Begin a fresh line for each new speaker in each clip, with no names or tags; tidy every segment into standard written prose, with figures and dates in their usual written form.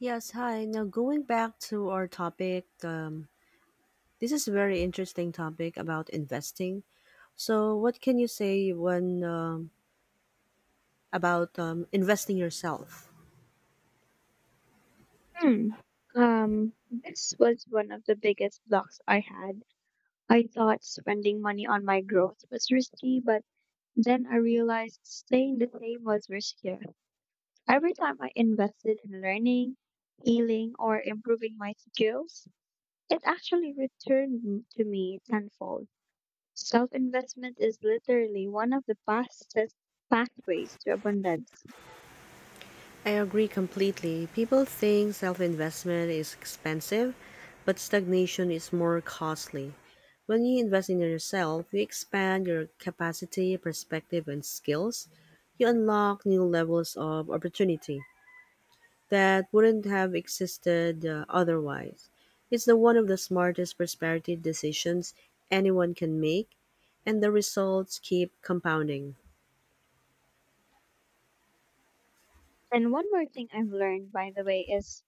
Yes, hi. Now going back to our topic, this is a very interesting topic about investing. So, what can you say when about investing yourself?
Hmm. This was one of the biggest blocks I had. I thought spending money on my growth was risky, but then I realized staying the same was riskier. Every time I invested in learning, healing, or improving my skills, it actually returned to me tenfold. Self investment is literally one of the fastest pathways to abundance.
I agree completely. People think self-investment is expensive, but stagnation is more costly. When you invest in yourself, you expand your capacity, perspective, and skills. You unlock new levels of opportunity that wouldn't have existed otherwise. It's the one of the smartest prosperity decisions anyone can make, and the results keep compounding.
And one more thing I've learned, by the way, is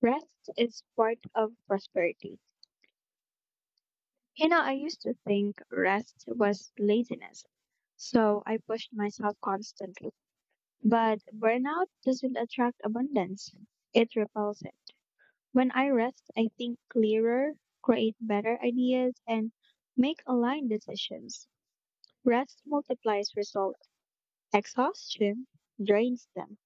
rest is part of prosperity. You know, I used to think rest was laziness, so I pushed myself constantly. But burnout doesn't attract abundance, it repels it. When I rest, I think clearer, create better ideas, and make aligned decisions. Rest multiplies results, exhaustion drains them.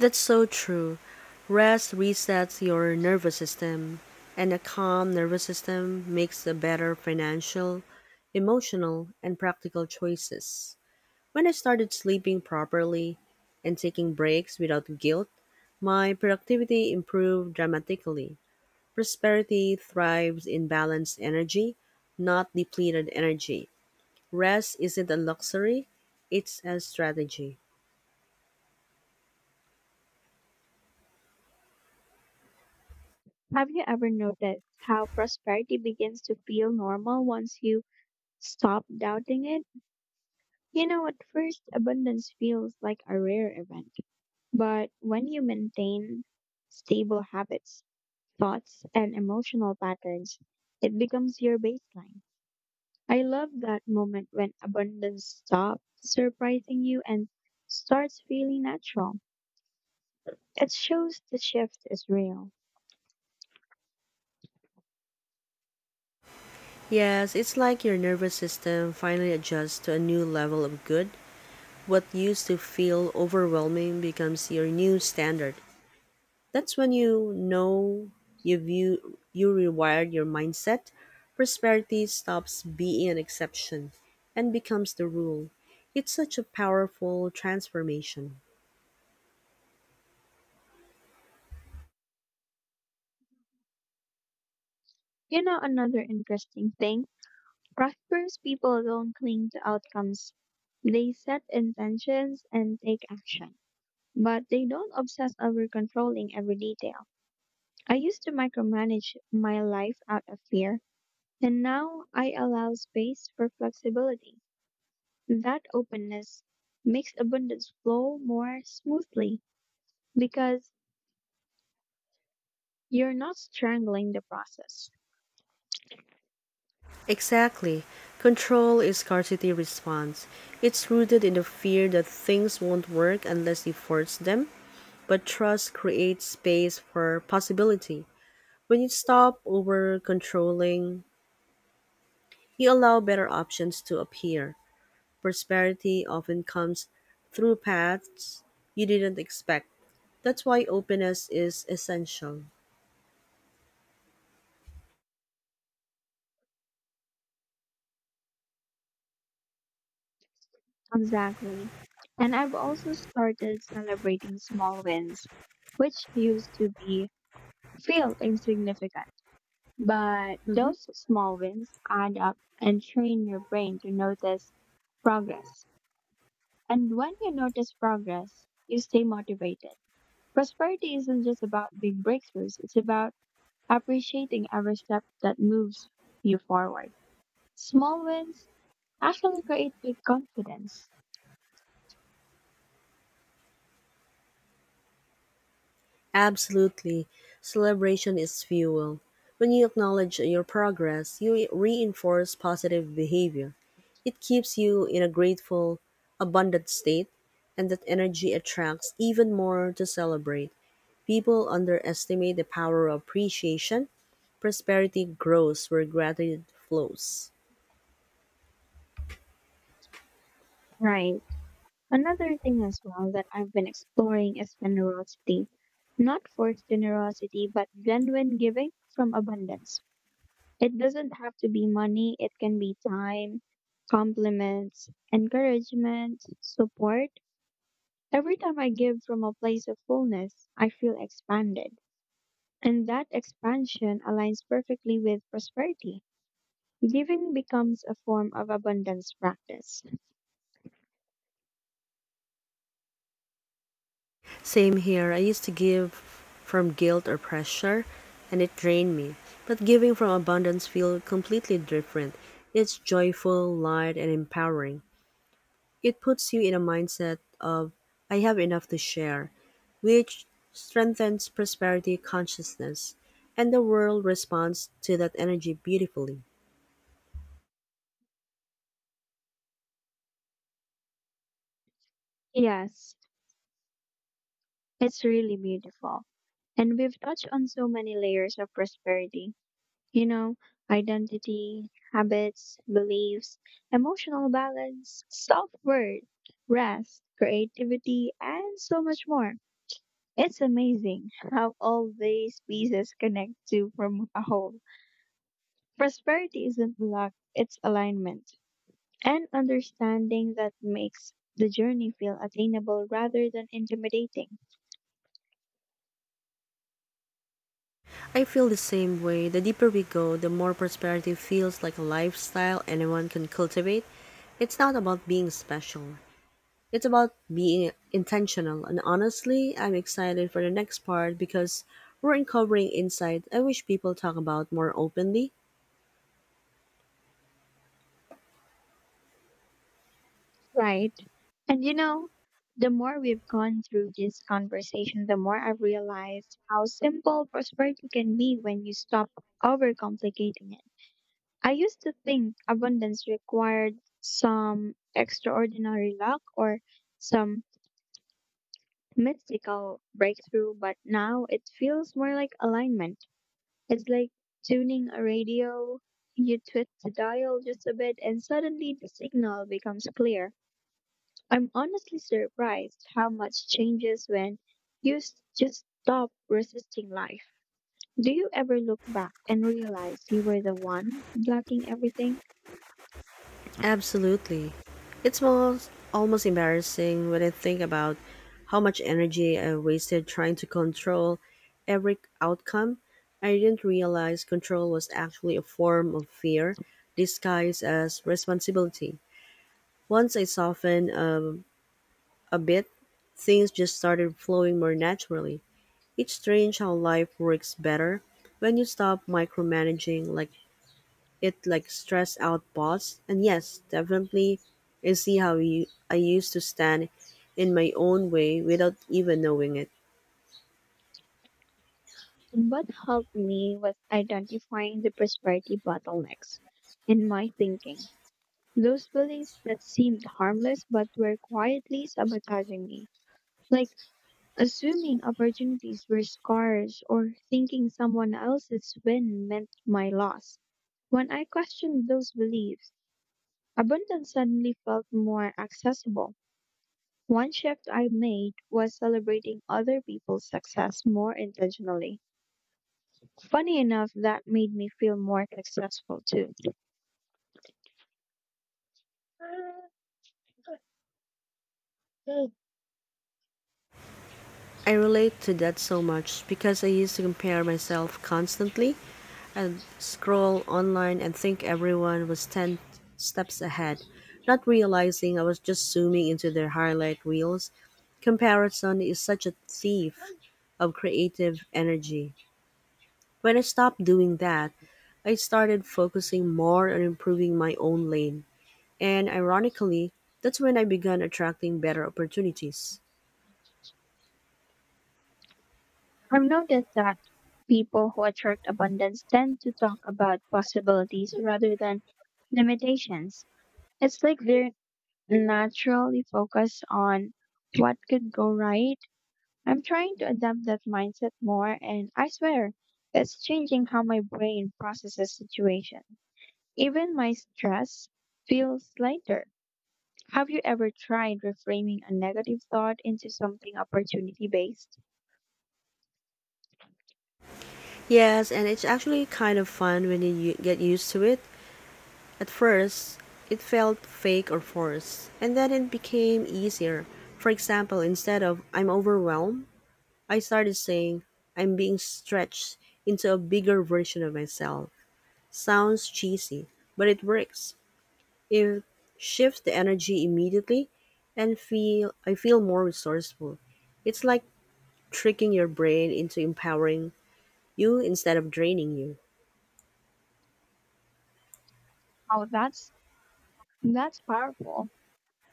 That's so true. Rest resets your nervous system, and a calm nervous system makes the better financial, emotional, and practical choices. When I started sleeping properly and taking breaks without guilt, my productivity improved dramatically. Prosperity thrives in balanced energy, not depleted energy. Rest isn't a luxury, it's a strategy.
Have you ever noticed how prosperity begins to feel normal once you stop doubting it? You know, at first, abundance feels like a rare event. But when you maintain stable habits, thoughts, and emotional patterns, it becomes your baseline. I love that moment when abundance stops surprising you and starts feeling natural. It shows the shift is real.
Yes, it's like your nervous system finally adjusts to a new level of good. What used to feel overwhelming becomes your new standard. That's when you know you rewired your mindset. Prosperity stops being an exception and becomes the rule. It's such a powerful transformation.
You know, another interesting thing, prosperous people don't cling to outcomes. They set intentions and take action, but they don't obsess over controlling every detail. I used to micromanage my life out of fear, and now I allow space for flexibility. That openness makes abundance flow more smoothly because you're not strangling the process.
Exactly. Control is scarcity response. It's rooted in the fear that things won't work unless you force them, but trust creates space for possibility. When you stop over controlling, you allow better options to appear. Prosperity often comes through paths you didn't expect. That's why openness is essential.
Exactly. And I've also started celebrating small wins, which used to be feel insignificant. But
Mm-hmm.
those small wins add up and train your brain to notice progress. And when you notice progress, you stay motivated. Prosperity isn't just about big breakthroughs, it's about appreciating every step that moves you forward. Small wins actually create big confidence.
Absolutely. Celebration is fuel. When you acknowledge your progress, you reinforce positive behavior. It keeps you in a grateful, abundant state, and that energy attracts even more to celebrate. People underestimate the power of appreciation. Prosperity grows where gratitude flows.
Right. Another thing as well that I've been exploring is generosity. Not forced generosity, but genuine giving from abundance. It doesn't have to be money, it can be time, compliments, encouragement, support. Every time I give from a place of fullness, I feel expanded. And that expansion aligns perfectly with prosperity. Giving becomes a form of abundance practice.
Same here. I used to give from guilt or pressure, and it drained me. But giving from abundance feels completely different. It's joyful, light, and empowering. It puts you in a mindset of, I have enough to share, which strengthens prosperity consciousness. And the world responds to that energy beautifully.
Yes, it's really beautiful. And we've touched on so many layers of prosperity. You know, identity, habits, beliefs, emotional balance, self worth, rest, creativity, and so much more. It's amazing how all these pieces connect to form a whole. Prosperity isn't luck, it's alignment. And understanding that makes the journey feel attainable rather than intimidating.
I feel the same way. The deeper we go, the more prosperity feels like a lifestyle anyone can cultivate. It's not about being special. It's about being intentional, and honestly, I'm excited for the next part because we're uncovering insight I wish people talk about more openly.
Right. And you know, the more we've gone through this conversation, the more I've realized how simple prosperity can be when you stop overcomplicating it. I used to think abundance required some extraordinary luck or some mystical breakthrough, but now it feels more like alignment. It's like tuning a radio. You twist the dial just a bit and suddenly the signal becomes clear. I'm honestly surprised how much changes when just stop resisting life. Do you ever look back and realize you were the one blocking everything?
Absolutely. It's almost embarrassing when I think about how much energy I wasted trying to control every outcome. I didn't realize control was actually a form of fear disguised as responsibility. Once I softened a bit, things just started flowing more naturally. It's strange how life works better when you stop micromanaging like it like stress out boss. And yes, definitely I see I used to stand in my own way without even knowing it.
What helped me was identifying the prosperity bottlenecks in my thinking. Those beliefs that seemed harmless but were quietly sabotaging me, like assuming opportunities were scarce or thinking someone else's win meant my loss. When I questioned those beliefs, abundance suddenly felt more accessible. One shift I made was celebrating other people's success more intentionally. Funny enough, that made me feel more successful too.
I relate to that so much because I used to compare myself constantly and scroll online and think everyone was 10 steps ahead, not realizing I was just zooming into their highlight reels. Comparison is such a thief of creative energy. When I stopped doing that, I started focusing more on improving my own lane. And ironically, that's when I began attracting better opportunities.
I've noticed that people who attract abundance tend to talk about possibilities rather than limitations. It's like they're naturally focused on what could go right. I'm trying to adapt that mindset more, and I swear it's changing how my brain processes situations. Even my stress feels lighter. Have you ever tried reframing a negative thought into something opportunity based?
Yes, and it's actually kind of fun when get used to it. At first, it felt fake or forced, and then it became easier. For example, instead of I'm overwhelmed, I started saying I'm being stretched into a bigger version of myself. Sounds cheesy, but it works. It shifts the energy immediately and feel I feel more resourceful. It's like tricking your brain into empowering you instead of draining you.
Oh, that's powerful.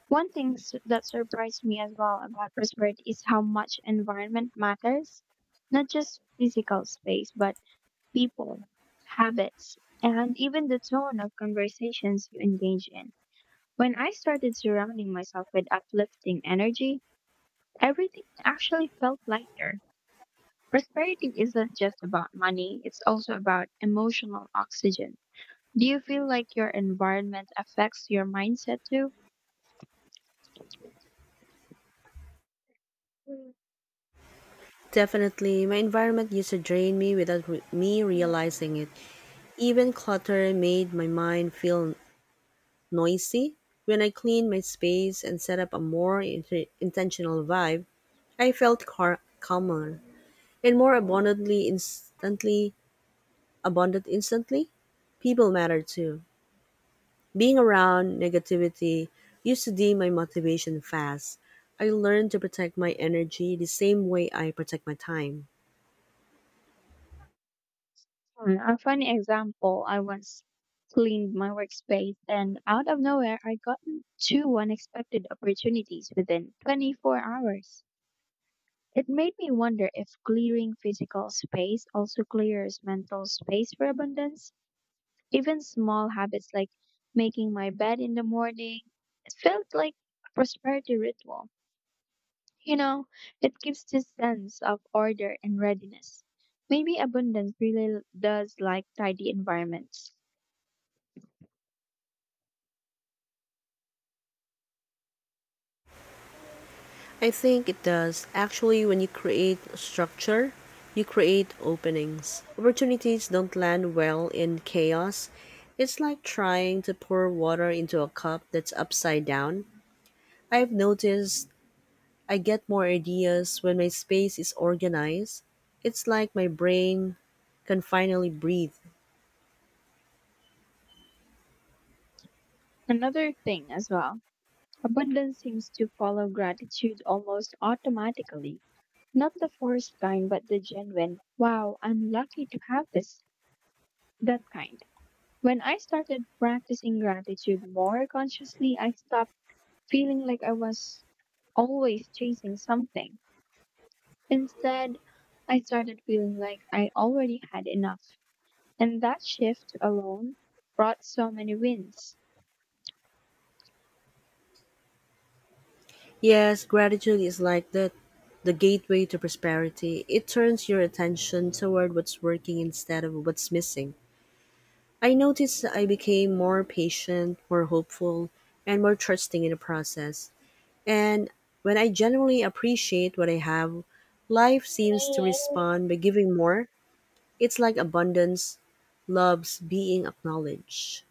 One that surprised me as well about prosperity is how much environment matters, not just physical space, but people, habits, and even the tone of conversations you engage in. When I started surrounding myself with uplifting energy, everything actually felt lighter. Prosperity isn't just about money, it's also about emotional oxygen. Do you feel like your environment affects your mindset too?
Definitely, my environment used to drain me without me realizing it. Even clutter made my mind feel noisy. When I cleaned my space and set up a more intentional vibe, I felt calmer and more abundantly instantly abundant instantly. People matter too. Being around negativity used to dim my motivation fast. I learned to protect my energy the same way I protect my time.
Hmm, a funny example, I once cleaned my workspace and out of nowhere I got two unexpected opportunities within 24 hours. It made me wonder if clearing physical space also clears mental space for abundance. Even small habits like making my bed in the morning, it felt like a prosperity ritual. You know, it gives this sense of order and readiness. Maybe abundance really does like tidy environments.
I think it does. Actually, when you create structure, you create openings. Opportunities don't land well in chaos. It's like trying to pour water into a cup that's upside down. I've noticed I get more ideas when my space is organized. It's like my brain can finally breathe.
Another thing as well, abundance seems to follow gratitude almost automatically. Not the forced kind, but the genuine, wow, I'm lucky to have this, that kind. When I started practicing gratitude more consciously, I stopped feeling like I was always chasing something. Instead, I started feeling like I already had enough. And that shift alone brought so many wins.
Yes, gratitude is like that the gateway to prosperity. It turns your attention toward what's working instead of what's missing. I noticed I became more patient, more hopeful, and more trusting in the process. And when I genuinely appreciate what I have, life seems to respond by giving more. It's like abundance loves being acknowledged.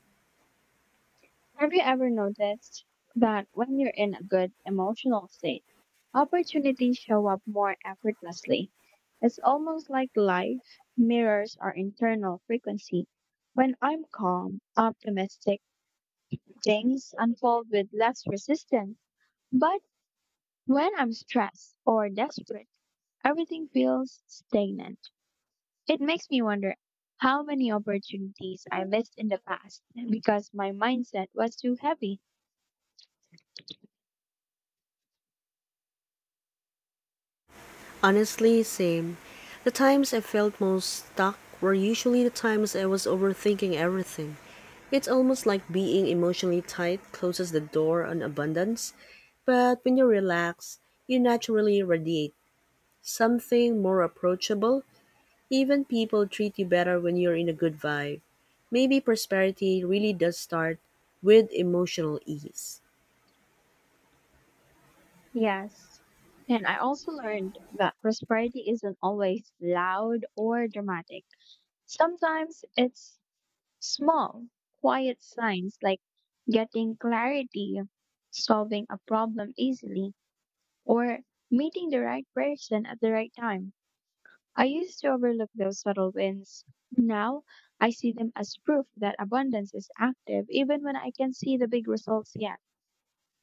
Have you ever noticed that when you're in a good emotional state, opportunities show up more effortlessly? It's almost like life mirrors our internal frequency. When I'm calm, optimistic, things unfold with less resistance. But when I'm stressed or desperate, everything feels stagnant. It makes me wonder how many opportunities I missed in the past because my mindset was too heavy.
Honestly, same. The times I felt most stuck were usually the times I was overthinking everything. It's almost like being emotionally tight closes the door on abundance, but when you relax, you naturally radiate something more approachable, even people treat you better when you're in a good vibe. Maybe prosperity really does start with emotional ease.
Yes. And I also learned that prosperity isn't always loud or dramatic. Sometimes it's small, quiet signs like getting clarity, solving a problem easily, or meeting the right person at the right time. I used to overlook those subtle wins. Now I see them as proof that abundance is active even when I can see the big results yet.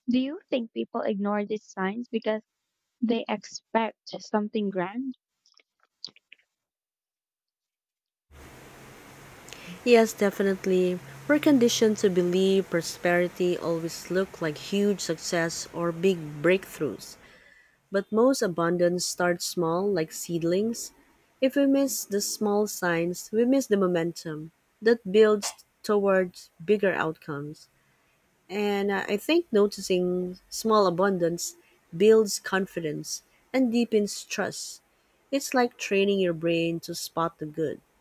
Do you think people ignore these signs because they expect something grand?
Yes, definitely. We're conditioned to believe prosperity always look like huge success or big breakthroughs. But most abundance starts small, like seedlings. If we miss the small signs, we miss the momentum that builds towards bigger outcomes. And I think noticing small abundance builds confidence and deepens trust. It's like training your brain to spot the good.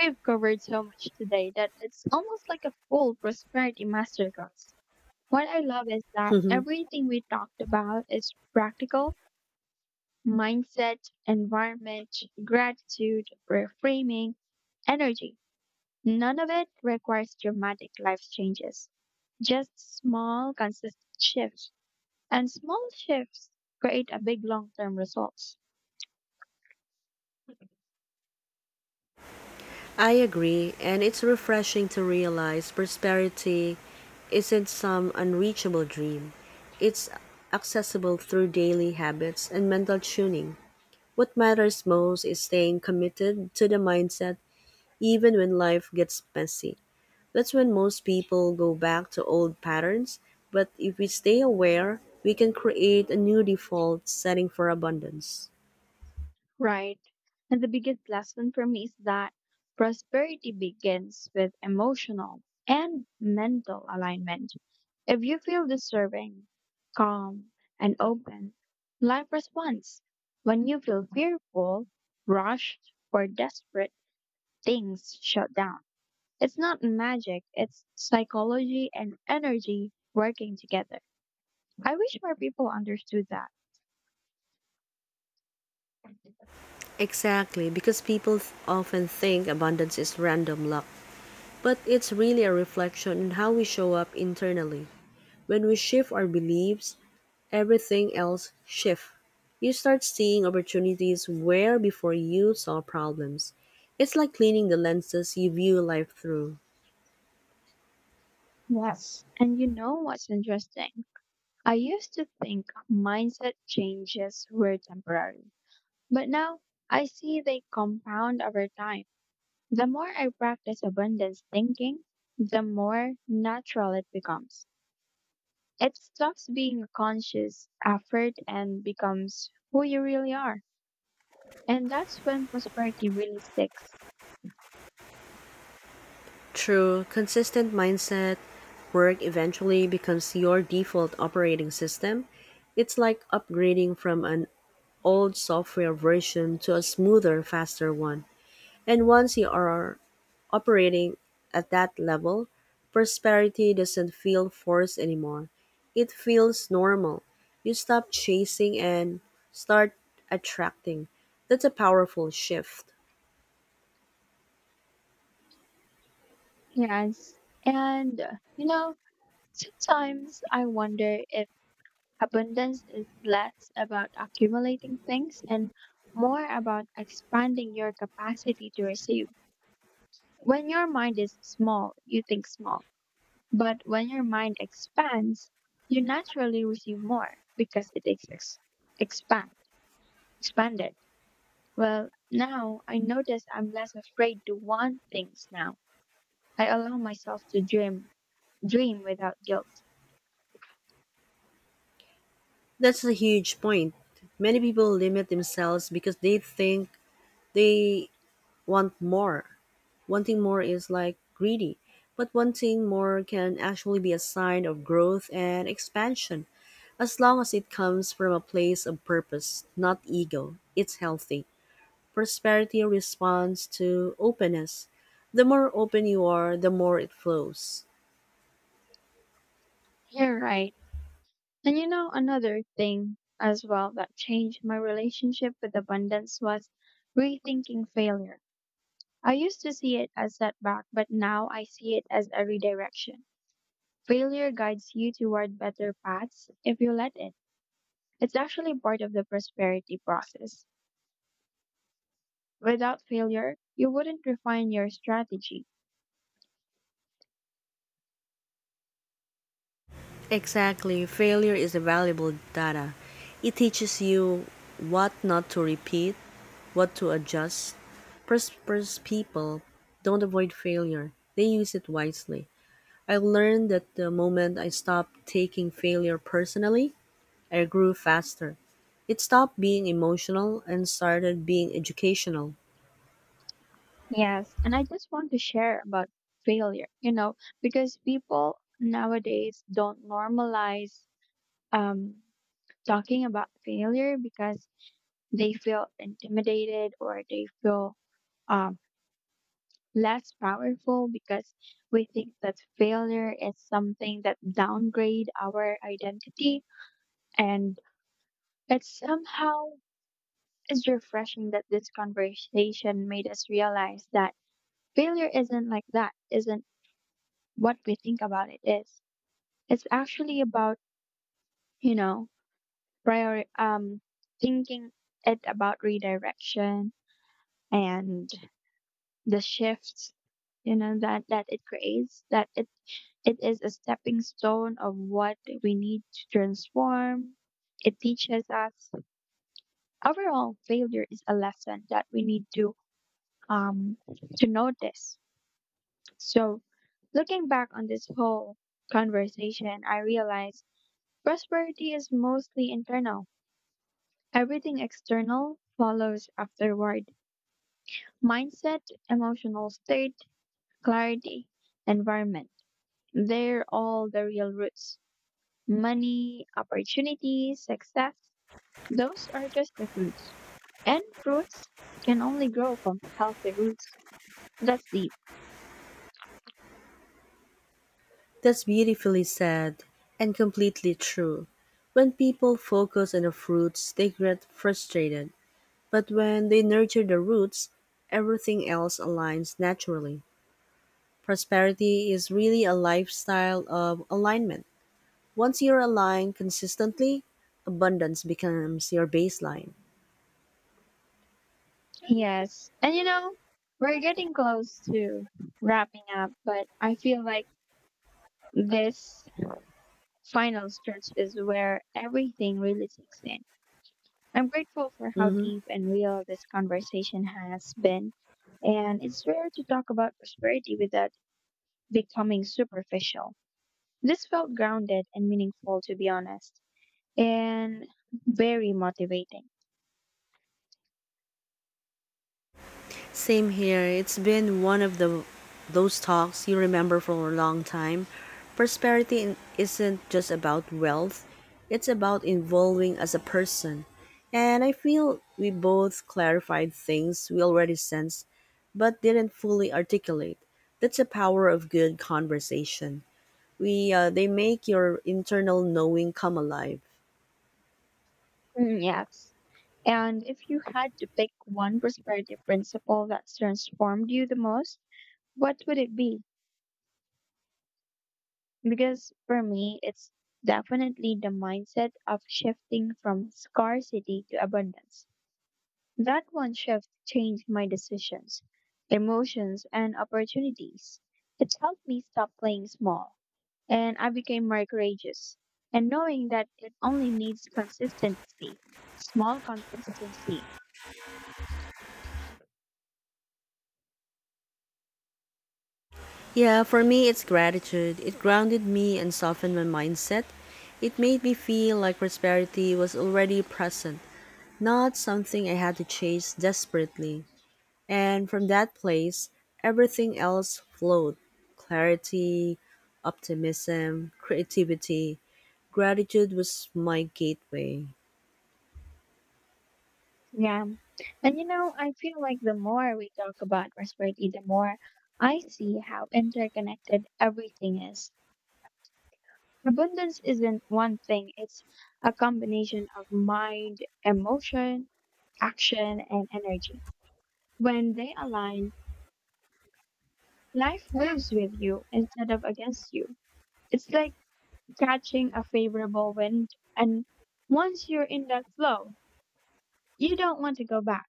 We've covered so much today that it's almost like a full prosperity masterclass. What I love is that
Mhm.
everything we talked about is practical: mindset, environment, gratitude, reframing, energy. None of it requires dramatic life changes, just small, consistent shifts. And small shifts create a big long term result.
I agree, and it's refreshing to realize prosperity isn't some unreachable dream. It's accessible through daily habits and mental tuning. What matters most is staying committed to the mindset even when life gets messy. That's when most people go back to old patterns, but if we stay aware, we can create a new default setting for abundance.
Right. And the biggest lesson for me is that prosperity begins with emotional and mental alignment. If you feel deserving, calm, and open, life responds. When you feel fearful, rushed, or desperate, things shut down. It's not magic, it's psychology and energy working together. I wish more people understood that.
Exactly, because people often think abundance is random luck, but it's really a reflection on how we show up internally. When we shift our beliefs, everything else shifts. You start seeing opportunities where before you saw problems. It's like cleaning the lenses you view life through.
Yes. And you know what's interesting? I used to think mindset changes were temporary, but now I see they compound over time. The more I practice abundance thinking, the more natural it becomes. It stops being a conscious effort and becomes who you really are. And that's when prosperity really sticks.
True, consistent mindset, work eventually becomes your default operating system. It's like upgrading from an old software version to a smoother, faster one. And once you are operating at that level, prosperity doesn't feel forced anymore. It feels normal. You stop chasing and start attracting. That's a powerful shift.
Yes. And, you know, sometimes I wonder if abundance is less about accumulating things and more about expanding your capacity to receive. When your mind is small, you think small. But when your mind expands, you naturally receive more because it is expand, expanded. Well, now I notice I'm less afraid to want things now. I allow myself to dream, without guilt.
That's a huge point. Many people limit themselves because they think they want more. Wanting more is like greedy, but wanting more can actually be a sign of growth and expansion as long as it comes from a place of purpose, not ego. It's healthy. Prosperity responds to openness. The more open you are, the more it flows.
You're right. And you know, another thing as well that changed my relationship with abundance was rethinking failure. I used to see it as setback, but now I see it as a redirection. Failure guides you toward better paths if you let it. It's actually part of the prosperity process. Without failure, you wouldn't refine your strategy.
Exactly. Failure is a valuable data. It teaches you what not to repeat, what to adjust. Prosperous people don't avoid failure, they use it wisely. I learned that the moment I stopped taking failure personally, I grew faster. It stopped being emotional and started being educational.
Yes, and I just want to share about failure, you know, because people nowadays don't normalize um talking about failure because they feel intimidated or they feel um, less powerful because we think that failure is something that downgrade our identity, and it's somehow is refreshing that this conversation made us realize that failure isn't like that, isn't what we think about it is. It's actually about, you know, prior thinking, it about redirection and the shifts, you know, that it creates, that it is a stepping stone of what we need to transform. It teaches us overall failure is a lesson that we need um to notice. So looking back on this whole conversation, I realized prosperity is mostly internal, everything external follows afterward. Mindset, emotional state, clarity, environment, they're all the real roots. Money, opportunity, success, those are just the fruits. And fruits can only grow from healthy roots. That's deep.
That's beautifully said and completely true. When people focus on the fruits, they get frustrated. But when they nurture the roots, everything else aligns naturally. Prosperity is really a lifestyle of alignment. Once you're aligned consistently, abundance becomes your baseline.
Yes. And you know, we're getting close to wrapping up, but I feel like this final stretch is where everything really sinks in. I'm grateful for how
Mhm.
deep and real this conversation has been. And it's rare to talk about prosperity without becoming superficial. This felt grounded and meaningful, to be honest, and very motivating.
Same here. It's been one of the those talks you remember for a long time. Prosperity isn't just about wealth. It's about evolving as a person. And I feel we both clarified things we already sensed but didn't fully articulate. That's the power of good conversation. We they make your internal knowing come alive.
Mm, yes. And if you had to pick one prosperity principle that's transformed you the most, what would it be? Because for me, it's definitely the mindset of shifting from scarcity to abundance. That one shift changed my decisions, emotions, and opportunities. It helped me stop playing small and I became more courageous. And knowing that it only needs consistency, small consistency.
Yeah, for me, it's gratitude. It grounded me and softened my mindset. It made me feel like prosperity was already present, not something I had to chase desperately. And from that place, everything else flowed clarity, optimism, creativity. Gratitude was my gateway.
Yeah. And you know, I feel like the more we talk about prosperity, the more I see how interconnected everything is. Abundance isn't one thing, it's a combination of mind, emotion, action, and energy. When they align, life moves with you instead of against you. It's like catching a favorable wind. And once you're in that flow, you don't want to go back.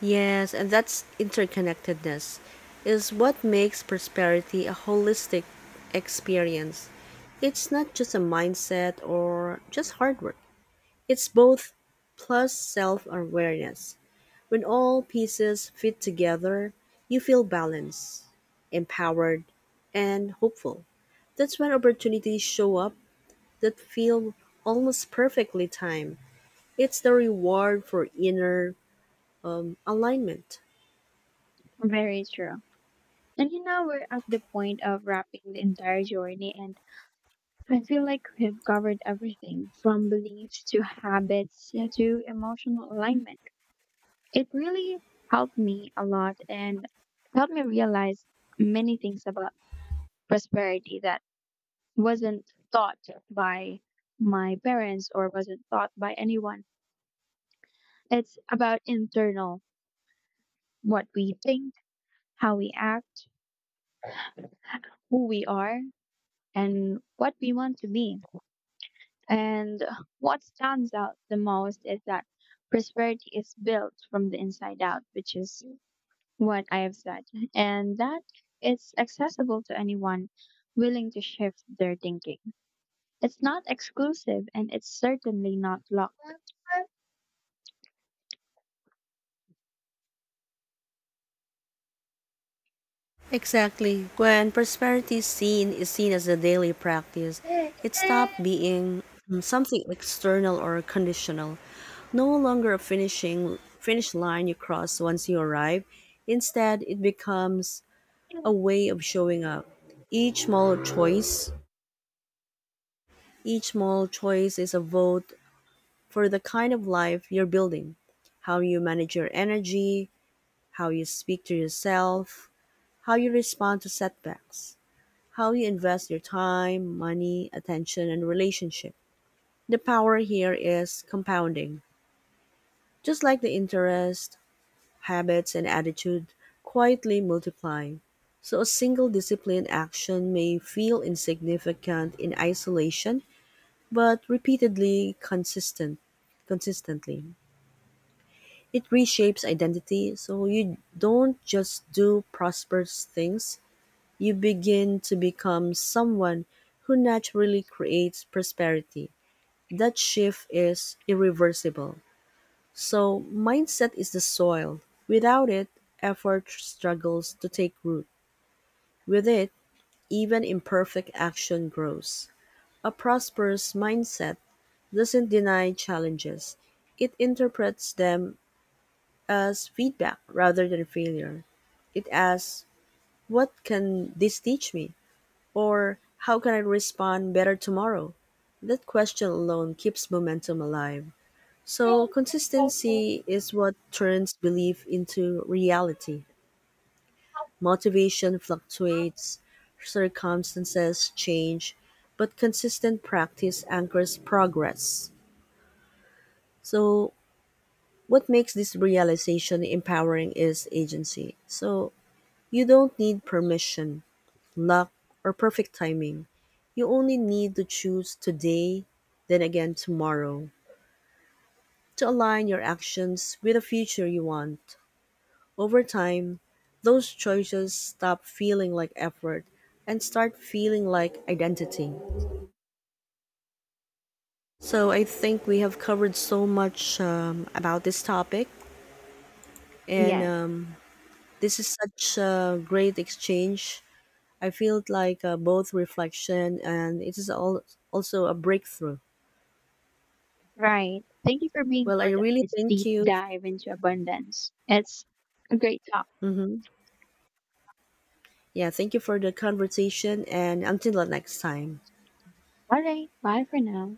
Yes, and that's interconnectedness is what makes prosperity a holistic experience. It's not just a mindset or just hard work. It's both plus self-awareness. When all pieces fit together, you feel balanced, empowered, and hopeful. That's when opportunities show up that feel almost perfectly timed. It's the reward for inner alignment.
Very true. And you know, we're at the point of wrapping the entire journey, and I feel like we've covered everything from beliefs to habits to emotional alignment. It really helped me a lot and helped me realize many things about prosperity that wasn't taught by my parents or wasn't taught by anyone. It's about internal, what we think, how we act, who we are, and what we want to be. And what stands out the most is that prosperity is built from the inside out, which is what I have said, and that it's accessible to anyone willing to shift their thinking. It's not exclusive and it's certainly not locked.
Exactly. When prosperity is seen as a daily practice, it stopped being something external or conditional, no longer a finish line you cross once you arrive. Instead, it becomes a way of showing up. Each small choice, each small choice is a vote for the kind of life you're building, how you manage your energy, how you speak to yourself, how you respond to setbacks, how you invest your time, money, attention, and relationship. The power here is compounding. Just like the interest, habits, and attitude quietly multiply. So a single disciplined action may feel insignificant in isolation, but repeatedly consistent consistently. It reshapes identity, so you don't just do prosperous things, you begin to become someone who naturally creates prosperity. That shift is irreversible. So, mindset is the soil. Without it, effort struggles to take root. With it, even imperfect action grows. A prosperous mindset doesn't deny challenges, it interprets them as feedback rather than failure. It asks, what can this teach me? Or "How can I respond better tomorrow?" That question alone keeps momentum alive. So, consistency is what turns belief into reality. Motivation fluctuates, circumstances change, but consistent practice anchors progress. So, what makes this realization empowering is agency. So, you don't need permission, luck, or perfect timing. You only need to choose today, then again tomorrow, to align your actions with the future you want. Over time, those choices stop feeling like effort and start feeling like identity. So I think we have covered so much about this topic, and
Yes,
um, this is such a great exchange. I feel like both reflection and it is all also a breakthrough.
right. Thank you for being
Well, I
part of
really
this
thank
deep
you.
dive into abundance. It's a great talk.
Hmm. Yeah, thank you for the conversation, and until the next time.
All right. Bye for now.